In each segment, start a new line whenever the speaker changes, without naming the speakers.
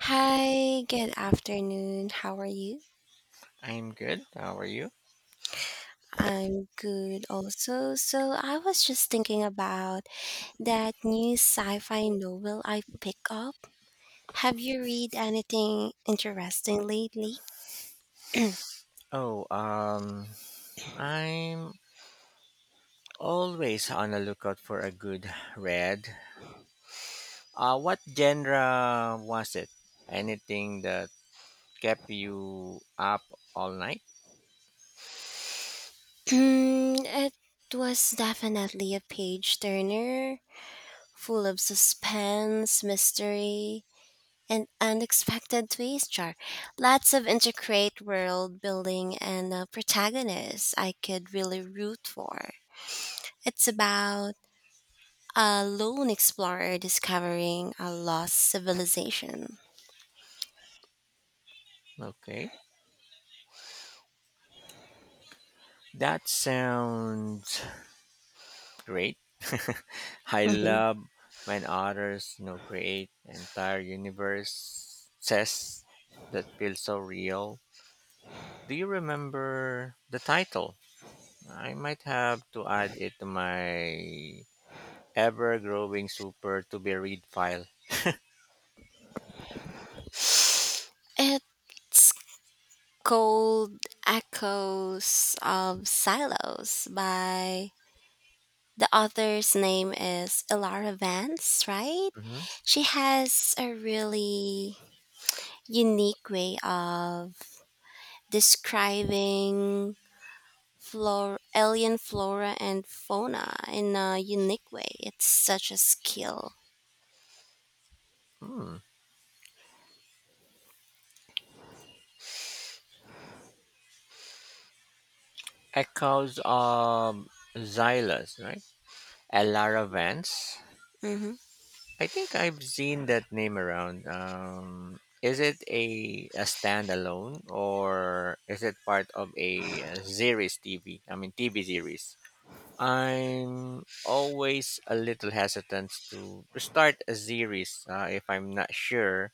Hi, good afternoon. How are you?
I'm good. How are you?
I'm good also. I was just thinking about that new sci fi novel I picked up. Have you read anything interesting lately?
Oh, um, I'm always on the lookout for a good read. What genre was it? Anything that kept you up all night?
It was definitely a page turner, full of suspense, mystery, and unexpected twists. Char. Lots of intricate world building and a protagonist I could really root for. It's about a lone explorer discovering a lost civilization.
Okay, that sounds great. I
Mhm.
love when authors, you know, create entire universes that feel so real. Do you remember the title? I might have to add it to my ever-growing super to be read file.
It's called Echoes of Silos by the author's name is Ilara Vance, right?
hmm
She has a really unique way of describing alien flora and fauna in a unique way. It's such a skill.
Hmm. Echoes of Xylas, right? Elara Vance.
Mm-hmm.
I think I've seen that name around. Is it a standalone, or is it part of a series TV? I mean, TV series. I'm always a little hesitant to start a series if I'm not sure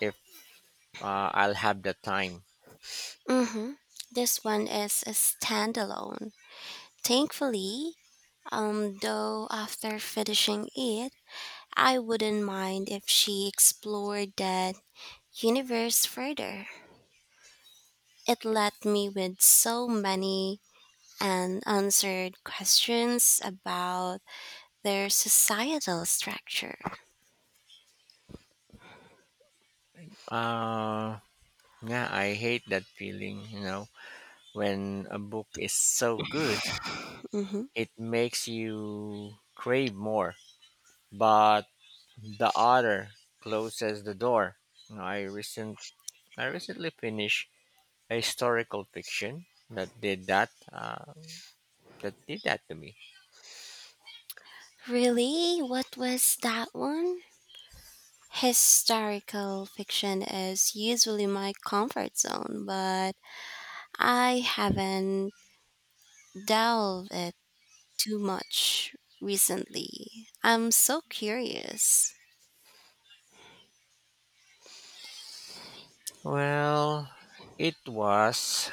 if I'll have the time.
Mm-hmm. This one is a standalone. Thankfully, though after finishing it, I wouldn't mind if she explored that universe further. It left me with so many unanswered questions about their societal structure.
Uh, yeah, I hate that feeling, you know, when a book is so good,
Mm-hmm.
it makes you crave more, but the author closes the door. You know, I recent I recently finished a historical fiction that did that to me.
Really? What was that one? Historical fiction is usually my comfort zone, but I haven't delved it too much recently. I'm so curious.
Well, it was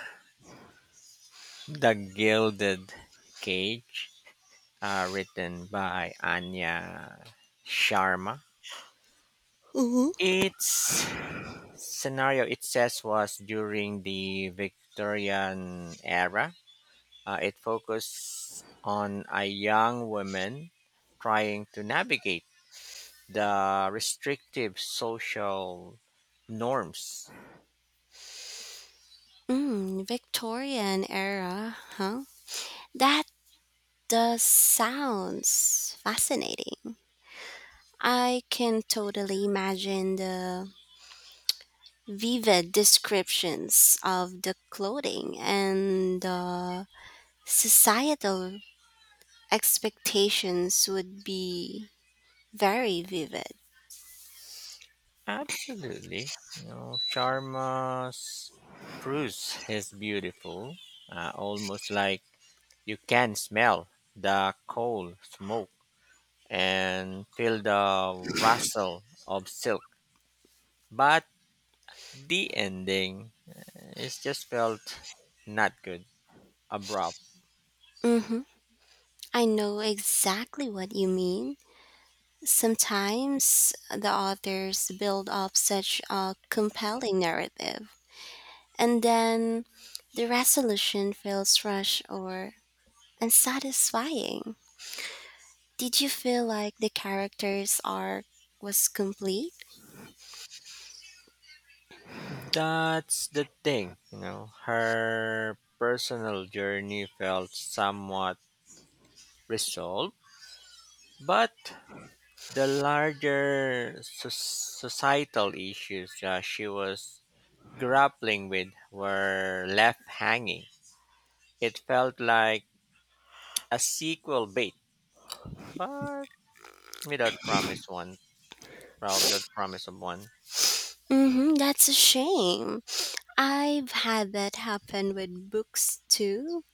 The Gilded Cage written by Anya Sharma.
hmm
Its scenario, it says, was during the Victorian era. It focused on a young woman trying to navigate the restrictive social norms.
Mm, Victorian era, huh? That does sounds fascinating. I can totally imagine the vivid descriptions of the clothing and the societal expectations would be very vivid.
Absolutely. You know, Sharma's prose is beautiful, almost like you can smell the coal smoke and feel the rustle of silk, but the ending it just felt not good, abrupt.
Mm-hmm. I know exactly what you mean. Sometimes the authors build up such a compelling narrative, and then the resolution feels rushed or unsatisfying. Did you feel like the character's arc was complete?
That's the thing, you know. Her personal journey felt somewhat resolved, but the larger societal issues she was grappling with were left hanging. It felt like a sequel bait, but without promise one. Without promise of one.
Mm-hmm, that's a shame. I've had that happen with books too.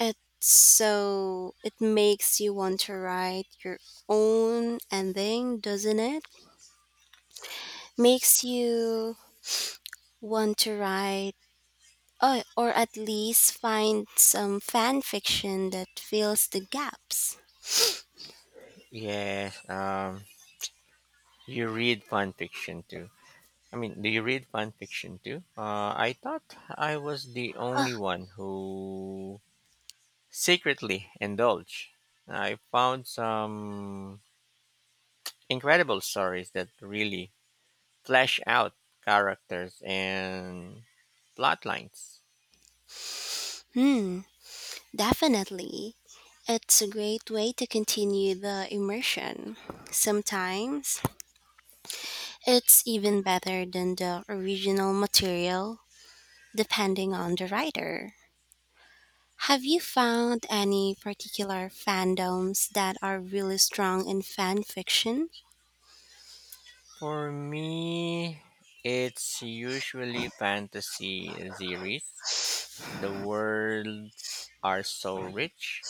It makes you want to write your own ending, doesn't it? Makes you want to write or at least find some fan fiction that fills the gaps.
Yes. You read fan fiction too. I mean, Do you read fan fiction too? I thought I was the only one who secretly indulged. I found some incredible stories that really flesh out characters and plot lines.
Hmm, definitely. It's a great way to continue the immersion. Sometimes it's even better than the original material, depending on the writer. Have you found any particular fandoms that are really strong in fan fiction?
For me, it's usually fantasy series. The worlds are so rich,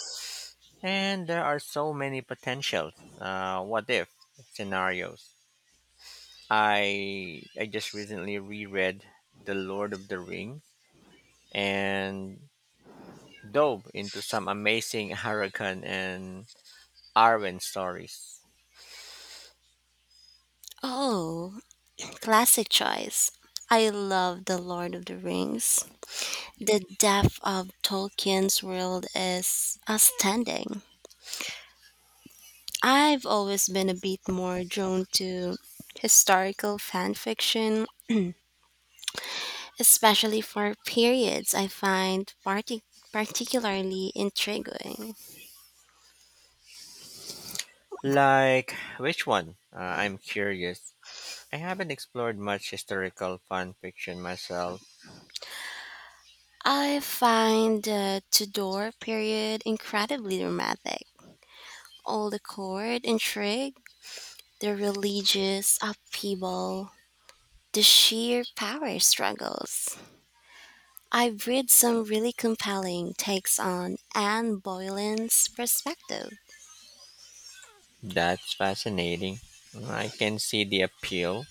and there are so many potentials. What if scenarios? I just recently reread The Lord of the Rings and dove into some amazing Hurricane and Arwen stories.
Oh, classic choice. I love The Lord of the Rings. The depth of Tolkien's world is astounding. I've always been a bit more drawn to historical fan fiction, especially for periods I find particularly intriguing.
Like which one? I'm curious. I haven't explored much historical fan fiction myself.
I find the Tudor period incredibly dramatic. All the court intrigue, the religious upheaval, the sheer power struggles. I've read some really compelling takes on Anne Boleyn's perspective.
That's fascinating. I can see the appeal.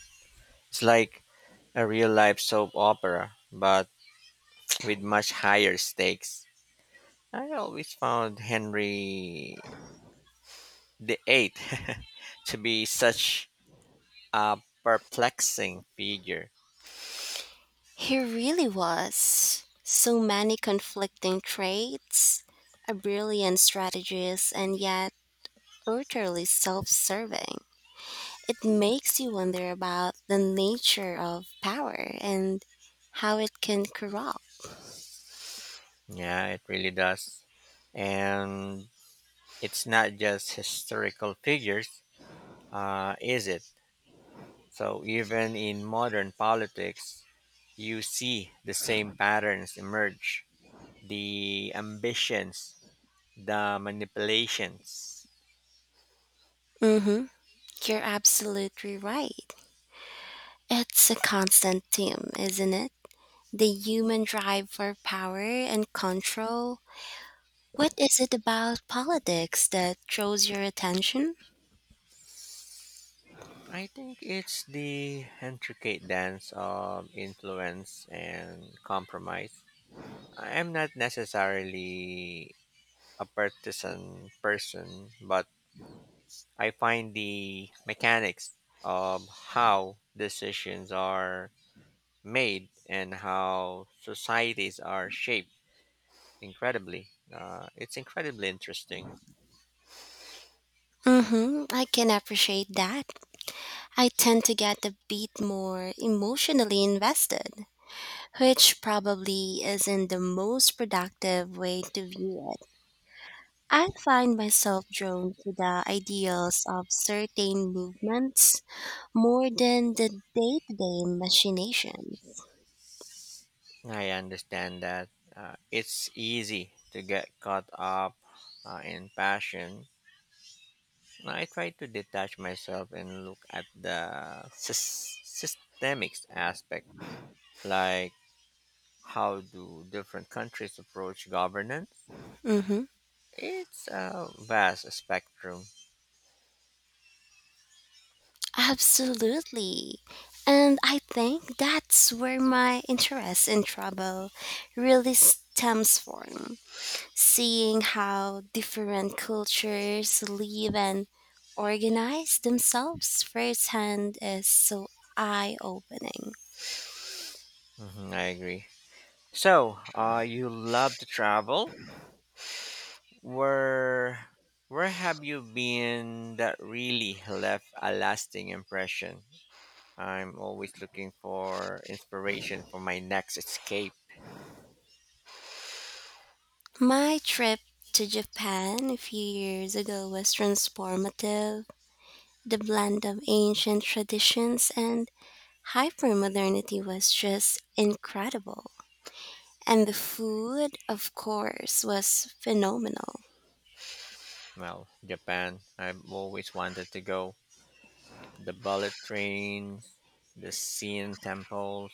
It's like a real life soap opera, but with much higher stakes. I always found Henry the Eighth to be such a perplexing figure.
He really was so many conflicting traits, a brilliant strategist, and yet utterly self serving. It makes you wonder about the nature of power and how it can corrupt.
Yeah, it really does. And it's not just historical figures, is it? So even in modern politics, you see the same patterns emerge the ambitions, the manipulations.
Mm-hmm. You're absolutely right. It's a constant theme, isn't it? The human drive for power and control. What is it about politics that draws your attention?
I think it's the intricate dance of influence and compromise. I am not necessarily a partisan person, but I find the mechanics of how decisions are made and how societies are shaped incredibly. It's incredibly interesting.
Mm-hmm, I can appreciate that. I tend to get a bit more emotionally invested, which probably isn't the most productive way to view it. I find myself drawn to the ideals of certain movements more than the day to day machinations.
I understand that it's easy to get caught up in passion. I try to detach myself and look at the systemics aspect, like how do different countries approach governance.
Mm-hmm.
It's a vast spectrum.
Absolutely. And I think that's where my interest in travel really stems from. Seeing how different cultures live and organize themselves firsthand is so eye opening.
Mhm, I agree. So, you love to travel. Where where have you been that really left a lasting impression? I'm always looking for inspiration for my next escape.
My trip to Japan a few years ago was transformative. The blend of ancient traditions and hypermodernity was just incredible. And the food, of course, was phenomenal.
Well, Japan, I've always wanted to go. The bullet trains, the Sien temples,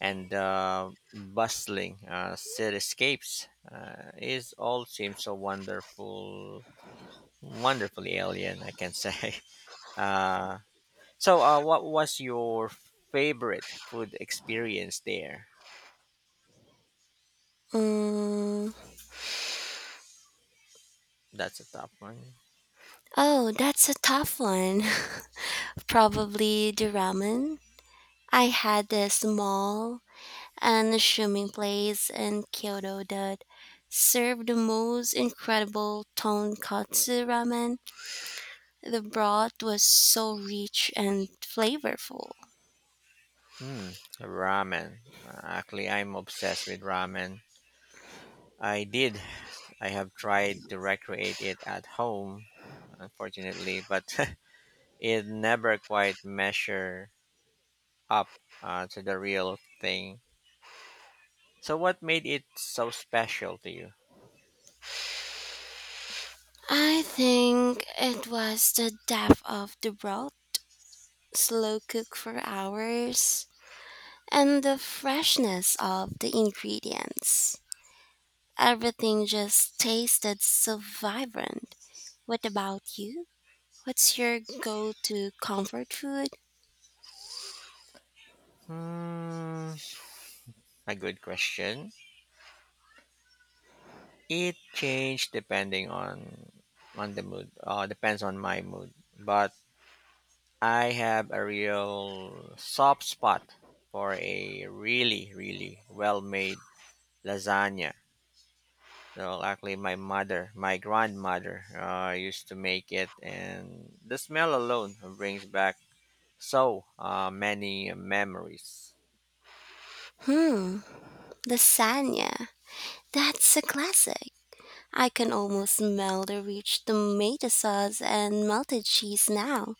and the bustling cityscapes is all seems so wonderful, wonderfully alien, I can say. Uh, so, what was your favorite food experience there?
Mm,
That's a tough one.
oh, that's a tough one. Probably the ramen. I had this small, unassuming place in Kyoto that served the most incredible tonkatsu ramen. The broth was so rich and flavorful.
Hmm, ramen. Actually, I'm obsessed with ramen. I did. I have tried to recreate it at home, unfortunately, but it never quite measure up to the real thing. So, what made it so special to you?
I think it was the depth of the broth, slow cook for hours, and the freshness of the ingredients. Everything just tasted so vibrant. What about you? What's your go to comfort food?
Hmm, a good question. It changed depending on the mood. Depends on my mood, but I have a real soft spot for a really, really well made lasagna. So actually, my grandmother, used to make it, and the smell alone brings back so many memories.
Hmm, lasagna. That's a classic. I can almost smell the rich tomato sauce and melted cheese now.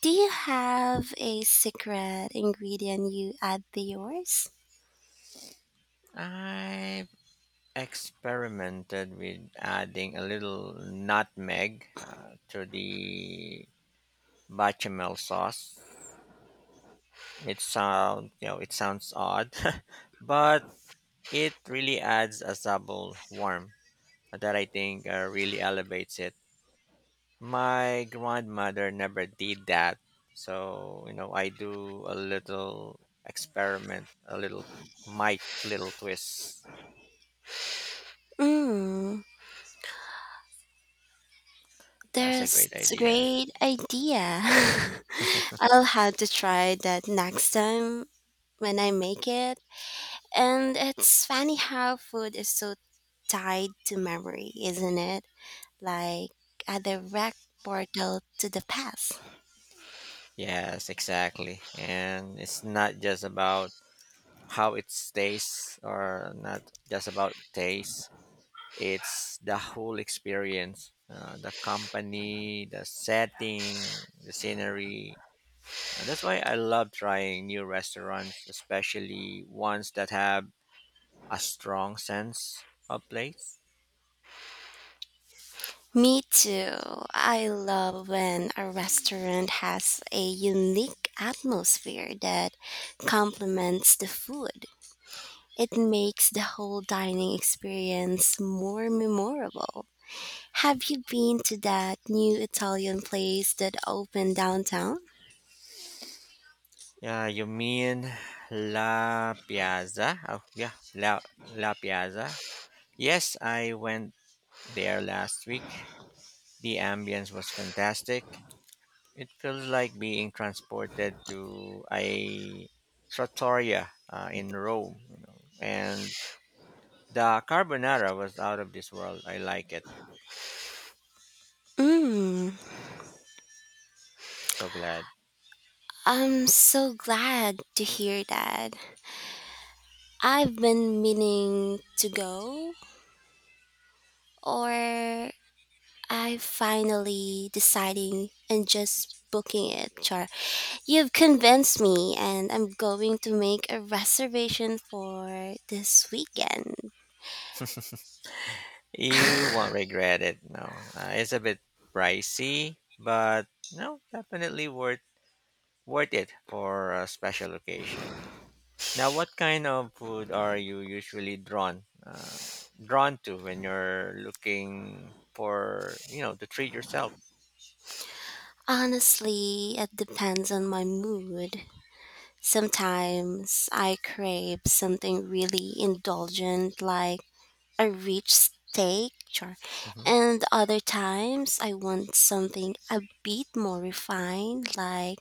Do you have a secret ingredient you add to yours?
I've experimented with adding a little nutmeg to the bechamel sauce. It sounds odd, but it really adds a subtle warmth that I think really elevates it. My grandmother never did that. So, you know, I do a little experiment, a little, my little twist.
Mmm.
That's a
That's
great
a
idea.
great idea. I'll have to try that next time when I make it. And it's funny how food is so tied to memory, isn't it? Like a direct portal to the past.
Yes, exactly. And it's not just about how it tastes or not just about taste. It's the whole experience, the company, the setting, the scenery. That's why I love trying new restaurants, especially ones that have a strong sense of place.
Me too. I love when a restaurant has a unique atmosphere that complements the food. It makes the whole dining experience more memorable. Have you been to that new Italian place that opened downtown?
Yeah, you mean La Piazza? La Piazza. Yes, I went there last week. The ambience was fantastic. It feels like being transported to a trattoria in Rome, you know. And the carbonara was out of this world. I like it.
Mm,
So glad.
I'm so glad to hear that. I've been meaning to go, or I finally deciding and just booking it, Char. You've convinced me, and I'm going to make a reservation for this weekend.
You won't regret it. No, it's a bit pricey, but no, definitely worth it for a special occasion. Now, what kind of food are you usually drawn drawn to when you're looking for, you know, to treat yourself?
Honestly, it depends on my mood. Sometimes I crave something really indulgent, like a rich
Mm-hmm.
and other times I want something a bit more refined, like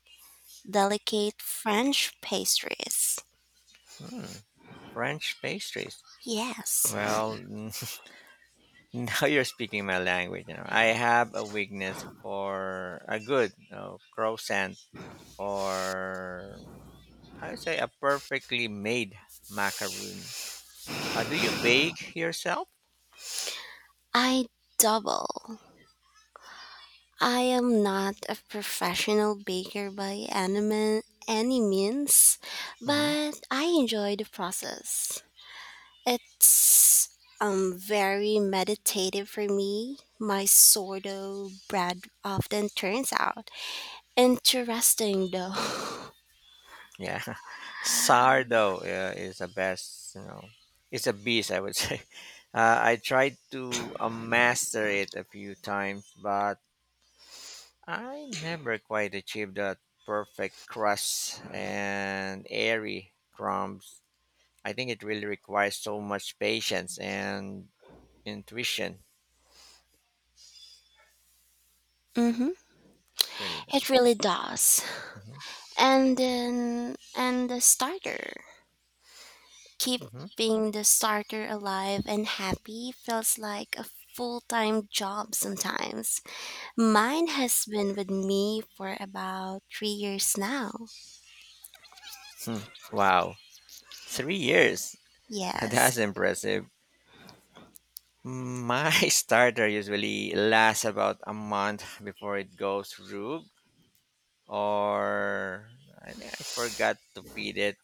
delicate French pastries.
Mm, French pastries.
Yes,
Well, now you're speaking my language. You know, I have a weakness for a good, you know, croissant, or I would say a perfectly made macaroon. Do you bake yourself?
I double. I am not a professional baker by any means,
hmm
but I enjoy the process. It's very meditative for me. My sourdough bread often turns out interesting though.
Yeah, sourdough is the best. You know, it's a beast, I would say. I tried to master it a few times, but I never quite achieved that perfect crust and airy crumbs. I think it really requires so much patience and intuition.
hmm
It really
It
does.
really does.
hmm
And the starter.
hmm
Keeping the starter alive and happy feels like a full-time job sometimes. Mine has been with me for about 3 years now.
Hmm. Wow. 3 years. That's
Yes.
impressive. My starter usually lasts about a month before it goes rogue, or I think I forgot to feed it.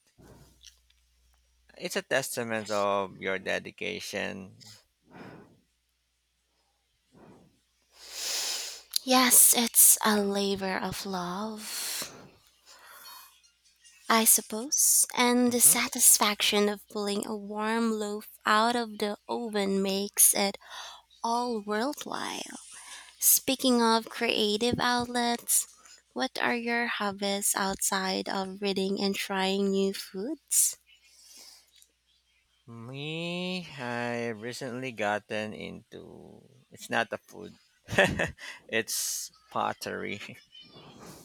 It's a testament of your dedication.
Yes, it's a labor of love. I suppose, and the
Mhm.
satisfaction of pulling a warm loaf out of the oven makes it all worthwhile. Speaking of creative outlets, what are your hobbies outside of reading and trying new foods?
Me, I recently gotten into. It's not a food. It's pottery.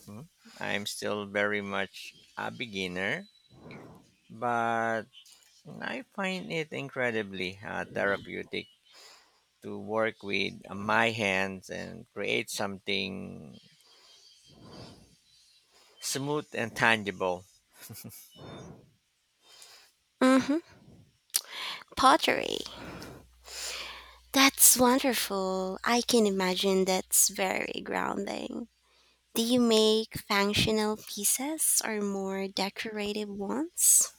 Hmm. I'm still very much a beginner, but I find it incredibly therapeutic to work with my hands and create something smooth and tangible.
Mm-hmm. Pottery. That's wonderful. I can imagine that's very grounding. Do you make functional pieces or more decorative ones?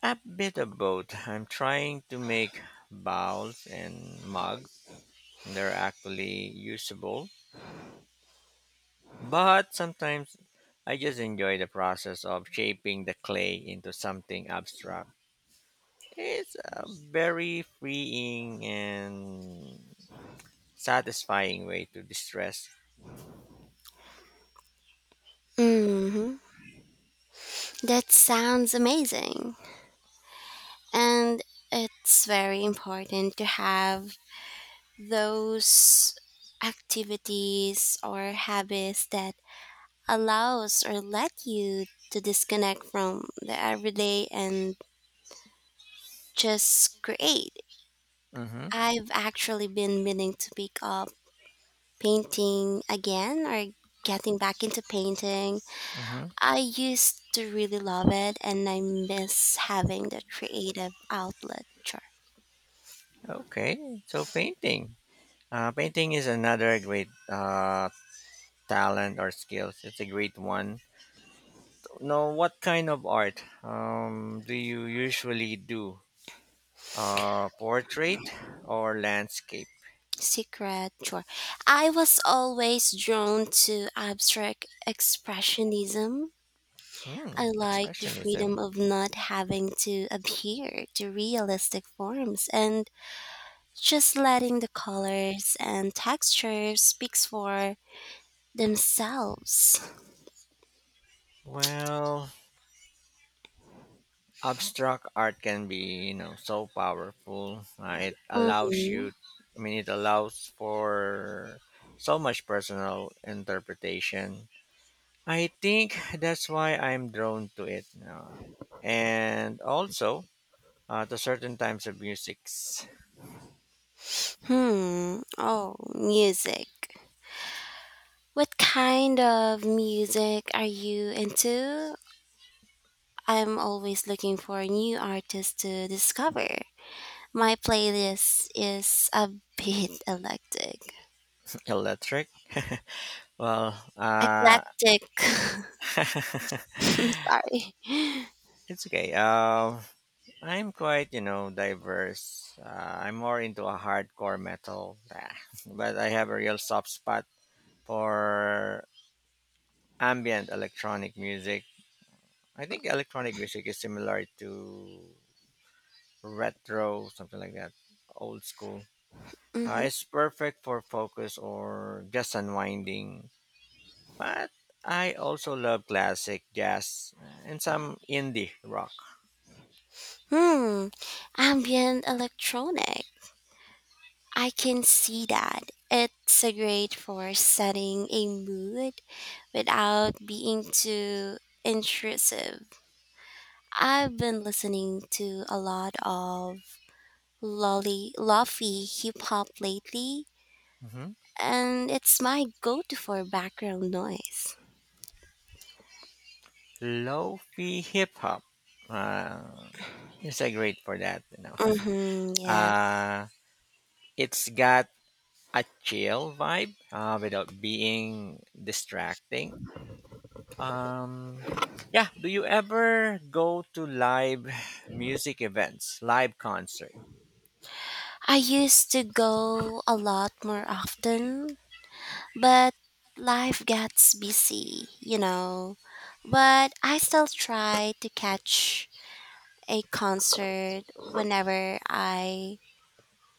A bit of both. I'm trying to make bowls and mugs. They're actually usable. But sometimes I just enjoy the process of shaping the clay into something abstract. It's a very freeing and satisfying way to distress.
Mm-hmm. That sounds amazing. And it's very important to have those activities or habits that allows or let you to disconnect from the everyday and just create.
Mm-hmm.
I've actually been meaning to pick up painting again or getting back into painting.
Mm-hmm.
I used to really love it and I miss having the creative outlet.
Okay, so painting. Painting is another great talent or skills. It's a great one. Now, what kind of art do you usually do? Portrait or landscape?
Secret, sure. I was always drawn to abstract expressionism. I
Hmm,
like the freedom
expressionism.
of not having to adhere to realistic forms and just letting the colors and textures speaks for themselves.
Well, abstract art can be, you know, so powerful.
Mm-hmm.
I mean, it allows for so much personal interpretation. I think that's why I'm drawn to it. And also, to certain types of music's
Hmm. Oh, music. What kind of music are you into? I'm always looking for new artists to discover. My playlist is a bit eclectic.
electric. well, uh,
Eclectic. Sorry.
it's okay. I'm quite, you know, diverse. I'm more into a hardcore metal, ah, but I have a real soft spot for ambient electronic music. I think electronic music is similar to retro, something like that, old school.
hmm
It's perfect for focus or just unwinding. But I also love classic jazz and some indie rock.
Hmm. Ambient electronic. I can see that. It's a great for setting a mood without being too intrusive. I've been listening to a lot of lolly lofi hip hop lately,
hmm
and it's my go-to for background noise.
Lo-fi hip hop uh, is a great for that. You know,
Mm-hmm, yes.
uh, it's got a chill vibe without being distracting. Um, yeah. Do you ever go to live music events, live concert?
I used to go a lot more often, but life gets busy, you know. But I still try to catch a concert whenever I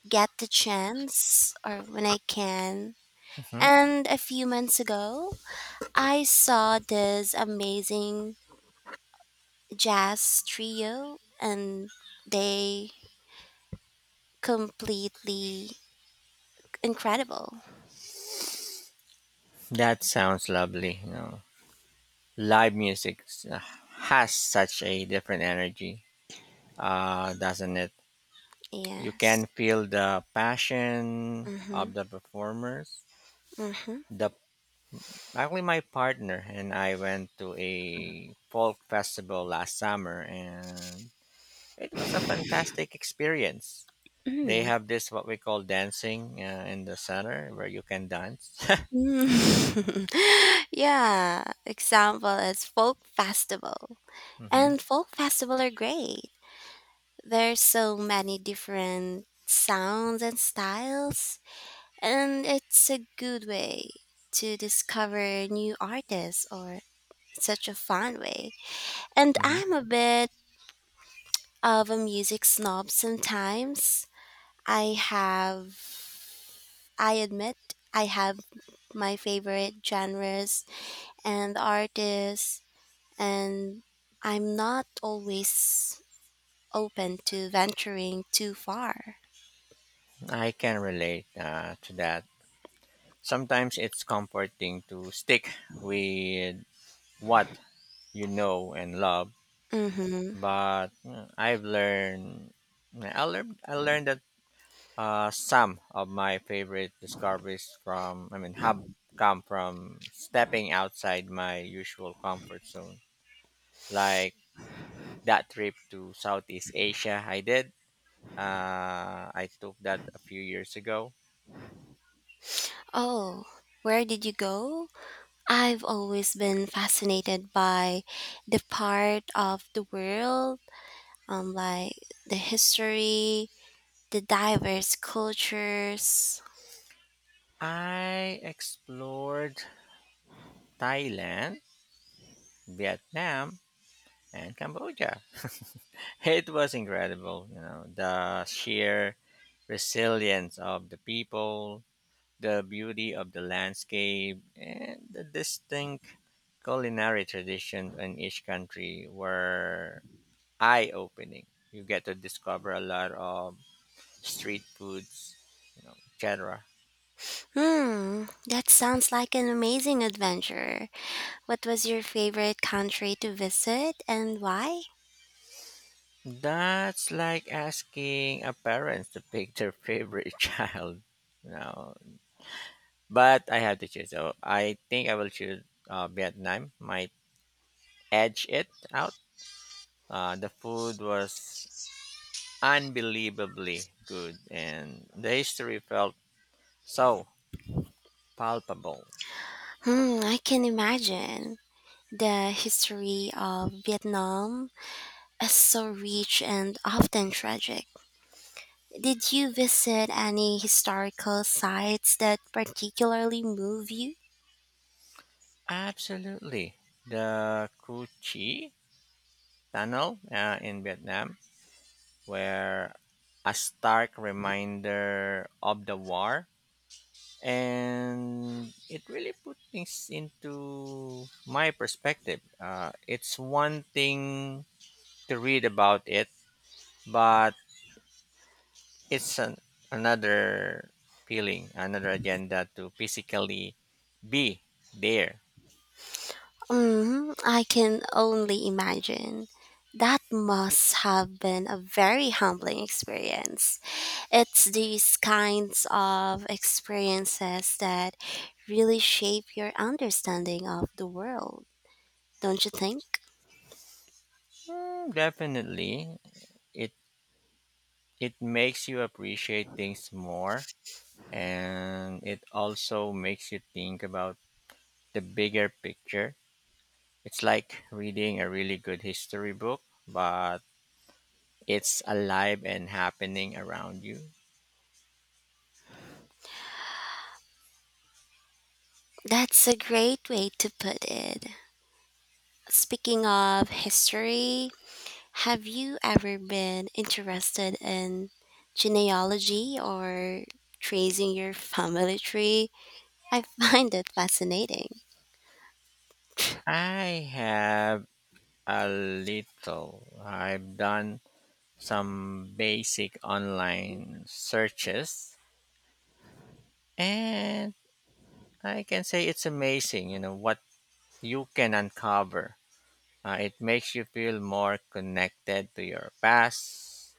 get the chance or when I can.
hmm
And a few months ago, I saw this amazing jazz trio and they completely incredible.
That sounds lovely, you know. Live music s- has such a different energy, doesn't it? You can
Yes.
feel the passion of
Mm-hmm.
the performers.
Mm-hmm.
The actually, my partner and I went to a folk festival last summer, and it was a fantastic experience. They
Mm.
have this what we call dancing in the center where you can dance.
Mm. Yeah. Example is folk festival.
hmm
And folk festival are great. There's so many different sounds and styles and it's a good way to discover new artists or such a fun way. And
hmm
I'm a bit of a music snob sometimes. I have, I admit, I have my favorite genres and artists, and I'm not always open to venturing too far.
I can relate to that. Sometimes it's comforting to stick with what you know and love.
Mm-hmm.
But mm, I've learned mm, I learned that some of my favorite discoveries from I mean have come from stepping outside my usual comfort zone. Like that trip to Southeast Asia I did. I took that a few years ago.
Oh, where did you go? I've always been fascinated by the part of the world, like the history, the diverse cultures.
I explored Thailand, Vietnam, and Cambodia. It was incredible, you know, the sheer resilience of the people, the beauty of the landscape, and the distinct culinary traditions in each country were eye opening. You get to discover a lot of street foods, you know, etc.
Hmm, that sounds like an amazing adventure. What was your favorite country to visit and why?
That's like asking a parent to pick their favorite child, you know. But I have to choose. So I think I will choose Vietnam. My Edge it out. The food was unbelievably good, and the history felt so palpable.
Hmm, I can imagine. The history of Vietnam is so rich and often tragic. Did you visit any historical sites that particularly move you?
Absolutely. The Cu Chi Tunnel in Vietnam were a stark reminder of the war, and it really put things into my perspective. It's one thing to read about it, but it's an, another feeling, another agenda to physically be there.
Hmm, I can only imagine. That must have been a very humbling experience. It's these kinds of experiences that really shape your understanding of the world, don't you think?
Mm, definitely, it it makes you appreciate things more, and it also makes you think about the bigger picture. It's like reading a really good history book, but it's alive and happening around you.
That's a great way to put it. Speaking of history, have you ever been interested in genealogy or tracing your family tree? I find it fascinating.
I have a little. I've done some basic online searches and I can say it's amazing, you know what you can uncover. It makes you feel more connected to your past,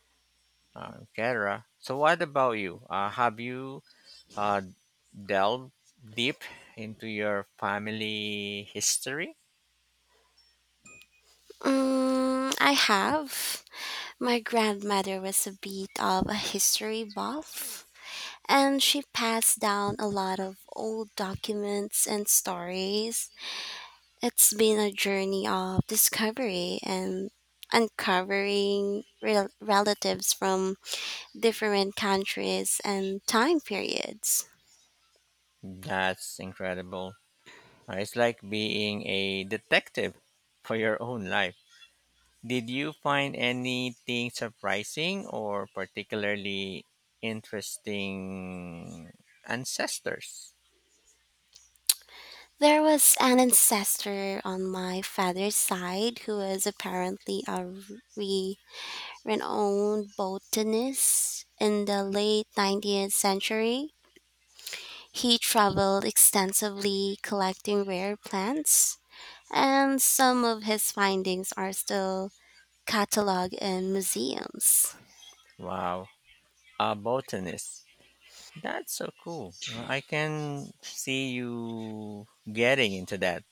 etc. So what about you? Uh, have you uh, delved deep into your family history?
Mm, I have. My grandmother was a bit of a history buff, and she passed down a lot of old documents and stories. It's been a journey of discovery and uncovering relatives from different countries and time periods.
That's incredible. It's like being a detective for your own life. Did you find anything surprising or particularly interesting ancestors?
There was an ancestor on my father's side who was apparently a re- renowned botanist in the late 19th century. He traveled extensively collecting rare plants, and some of his findings are still cataloged in museums.
Wow, a botanist. That's so cool. I can see you getting into that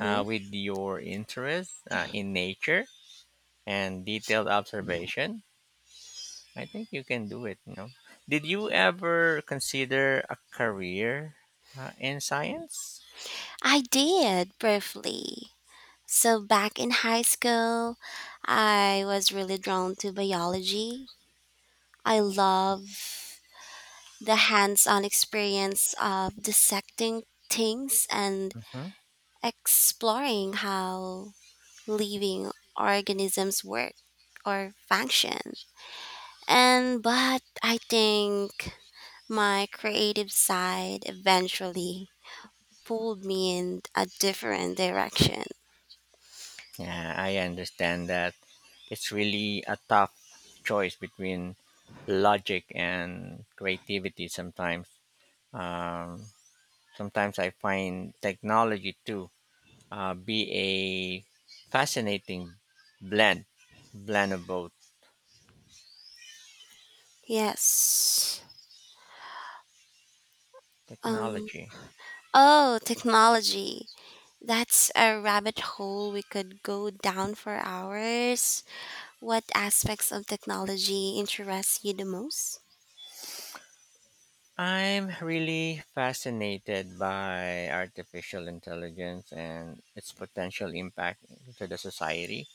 with your interest in nature and detailed observation. I think you can do it. Did you ever consider a career in science?
I did briefly. So, back in high school, I was really drawn to biology. I love the hands on experience of dissecting things and
Hmm.
exploring how living organisms work or function. And but I think my creative side eventually pulled me in a different direction.
Yeah, I understand that. It's really a tough choice between logic and creativity sometimes. Um, Sometimes I find technology too be a fascinating blend, blend of both
Yes. Um
technology.
oh, technology. That's a rabbit hole we could go down for hours. What aspects of technology interest you the most?
I'm really fascinated by artificial intelligence and its potential impact to the society.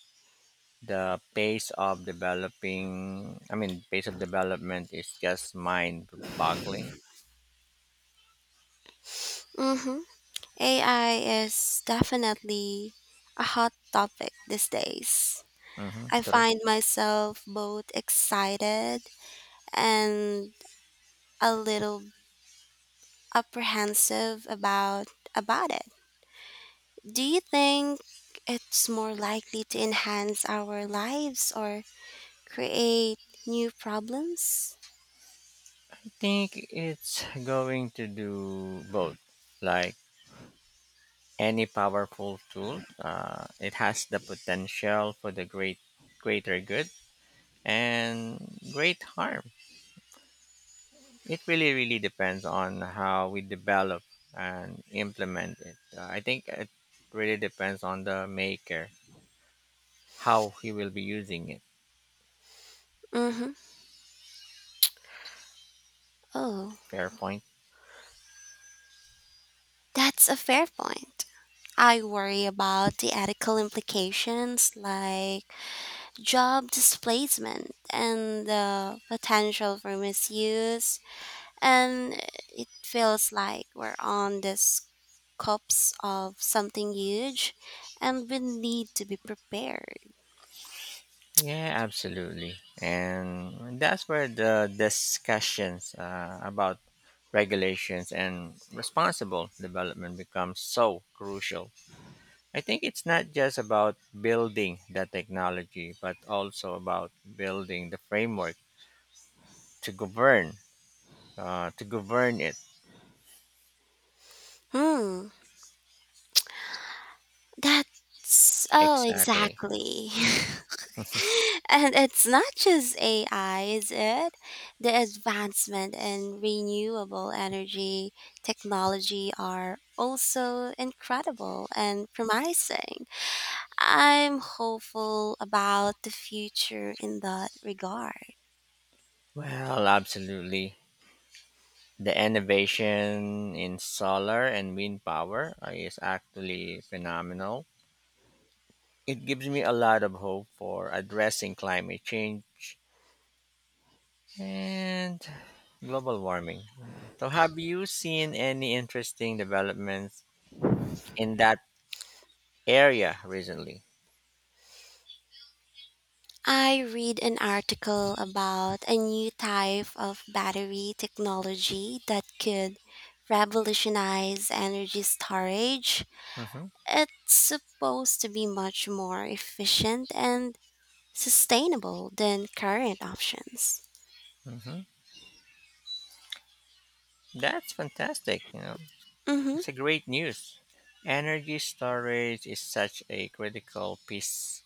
The pace of pace of development is just mind-boggling.
Mhm. AI is definitely a hot topic these days.
Hmm.
I
True.
find myself both excited and a little apprehensive about it. Do you think it's more likely to enhance our lives or create new problems?
I think it's going to do both. Like any powerful tool, it has the potential for greater good and great harm. It really, really depends on how we develop and implement it. I think it really depends on the maker, how he will be using it.
Mhm. Oh,
Fair point.
that's a fair point. I worry about the ethical implications like job displacement and the potential for misuse. And it feels like we're on this cups of something huge and we need to be prepared.
Yeah, absolutely. And that's where the discussions about regulations and responsible development becomes so crucial. I think it's not just about building the technology, but also about building the framework to to govern it.
Hmm. That's
Exactly.
exactly. And it's not just AI, is it? The advancement in renewable energy technology are also incredible and promising. I'm hopeful about the future in that regard.
Well, absolutely. The innovation in solar and wind power is actually phenomenal. It gives me a lot of hope for addressing climate change and global warming. So, have you seen any interesting developments in that area recently?
I read an article about a new type of battery technology that could revolutionize energy storage.
Hmm.
It's supposed to be much more efficient and sustainable than current options.
Hmm. That's fantastic. You know,
Mhm.
it's a great news. Energy storage is such a critical piece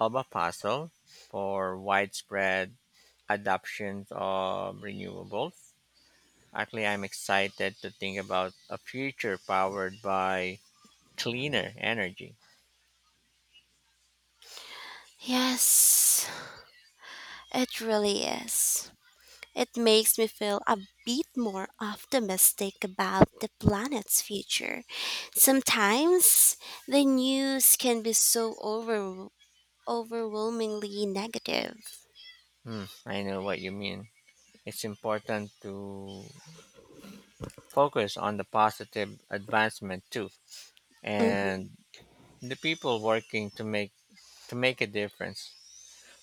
of a puzzle for widespread adoption of renewables. Actually, I'm excited to think about a future powered by cleaner energy.
Yes, it really is. It makes me feel a bit more optimistic about the planet's future. Sometimes the news can be so overwhelmingly negative.
Hmm, I know what you mean. It's important to focus on the positive advancement too,
Mhm.
and the people working to make a difference.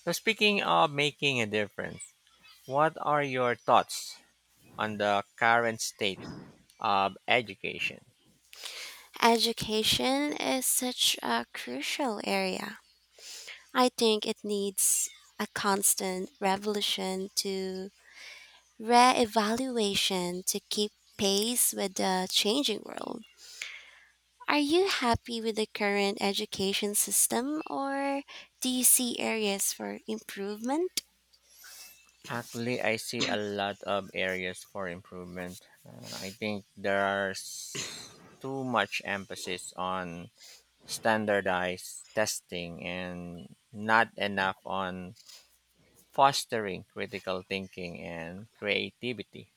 So, speaking of making a difference, what are your thoughts on the current state of education?
Education is such a crucial area. I think it needs a constant revolution to re-evaluation to keep pace with the changing world. Are you happy with the current education system or do you see areas for improvement?
Actually, I see a lot of areas for improvement. I think there's too much emphasis on standardized testing and not enough on fostering critical thinking and creativity.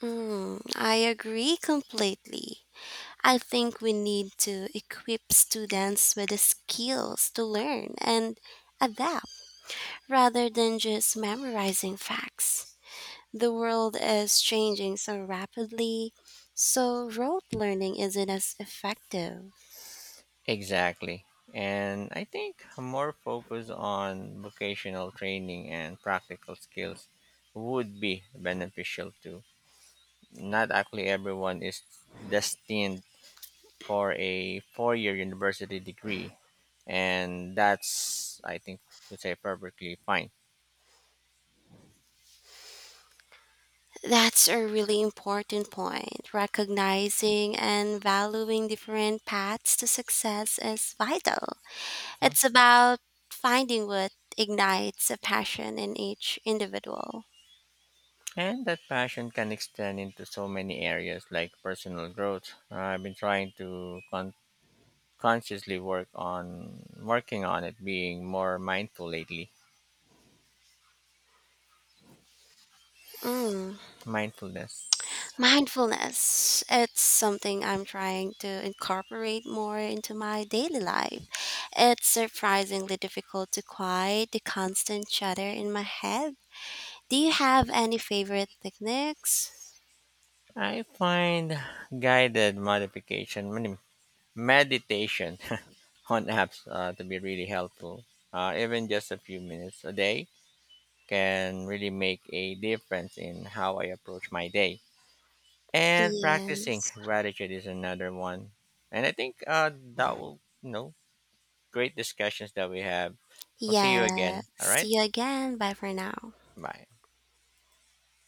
Mm, I agree completely. I think we need to equip students with the skills to learn and adapt rather than just memorizing facts. The world is changing so rapidly, so rote learning isn't as effective.
Exactly. And I think more focus on vocational training and practical skills would be beneficial too. Not actually everyone is destined for a four-year university degree, and that's, I think, would say perfectly fine.
That's a really important point. Recognizing and valuing different paths to success is vital.
Mhm.
It's about finding what ignites a passion in each individual.
And that passion can extend into so many areas like personal growth. I've been trying to consciously working on it, being more mindful lately.
Mm.
Mindfulness.
Mindfulness. It's something I'm trying to incorporate more into my daily life. It's surprisingly difficult to quiet the constant chatter in my head. Do you have any favorite techniques?
I find guided meditation on apps to be really helpful. Even just a few minutes a day can really make a difference in how I approach my day. And practicing
Yes.
gratitude is another one. And I think that will, you know, great discussions that we have. I'll see you
Yeah.
again. All right.
See you again. Bye for now.
Bye.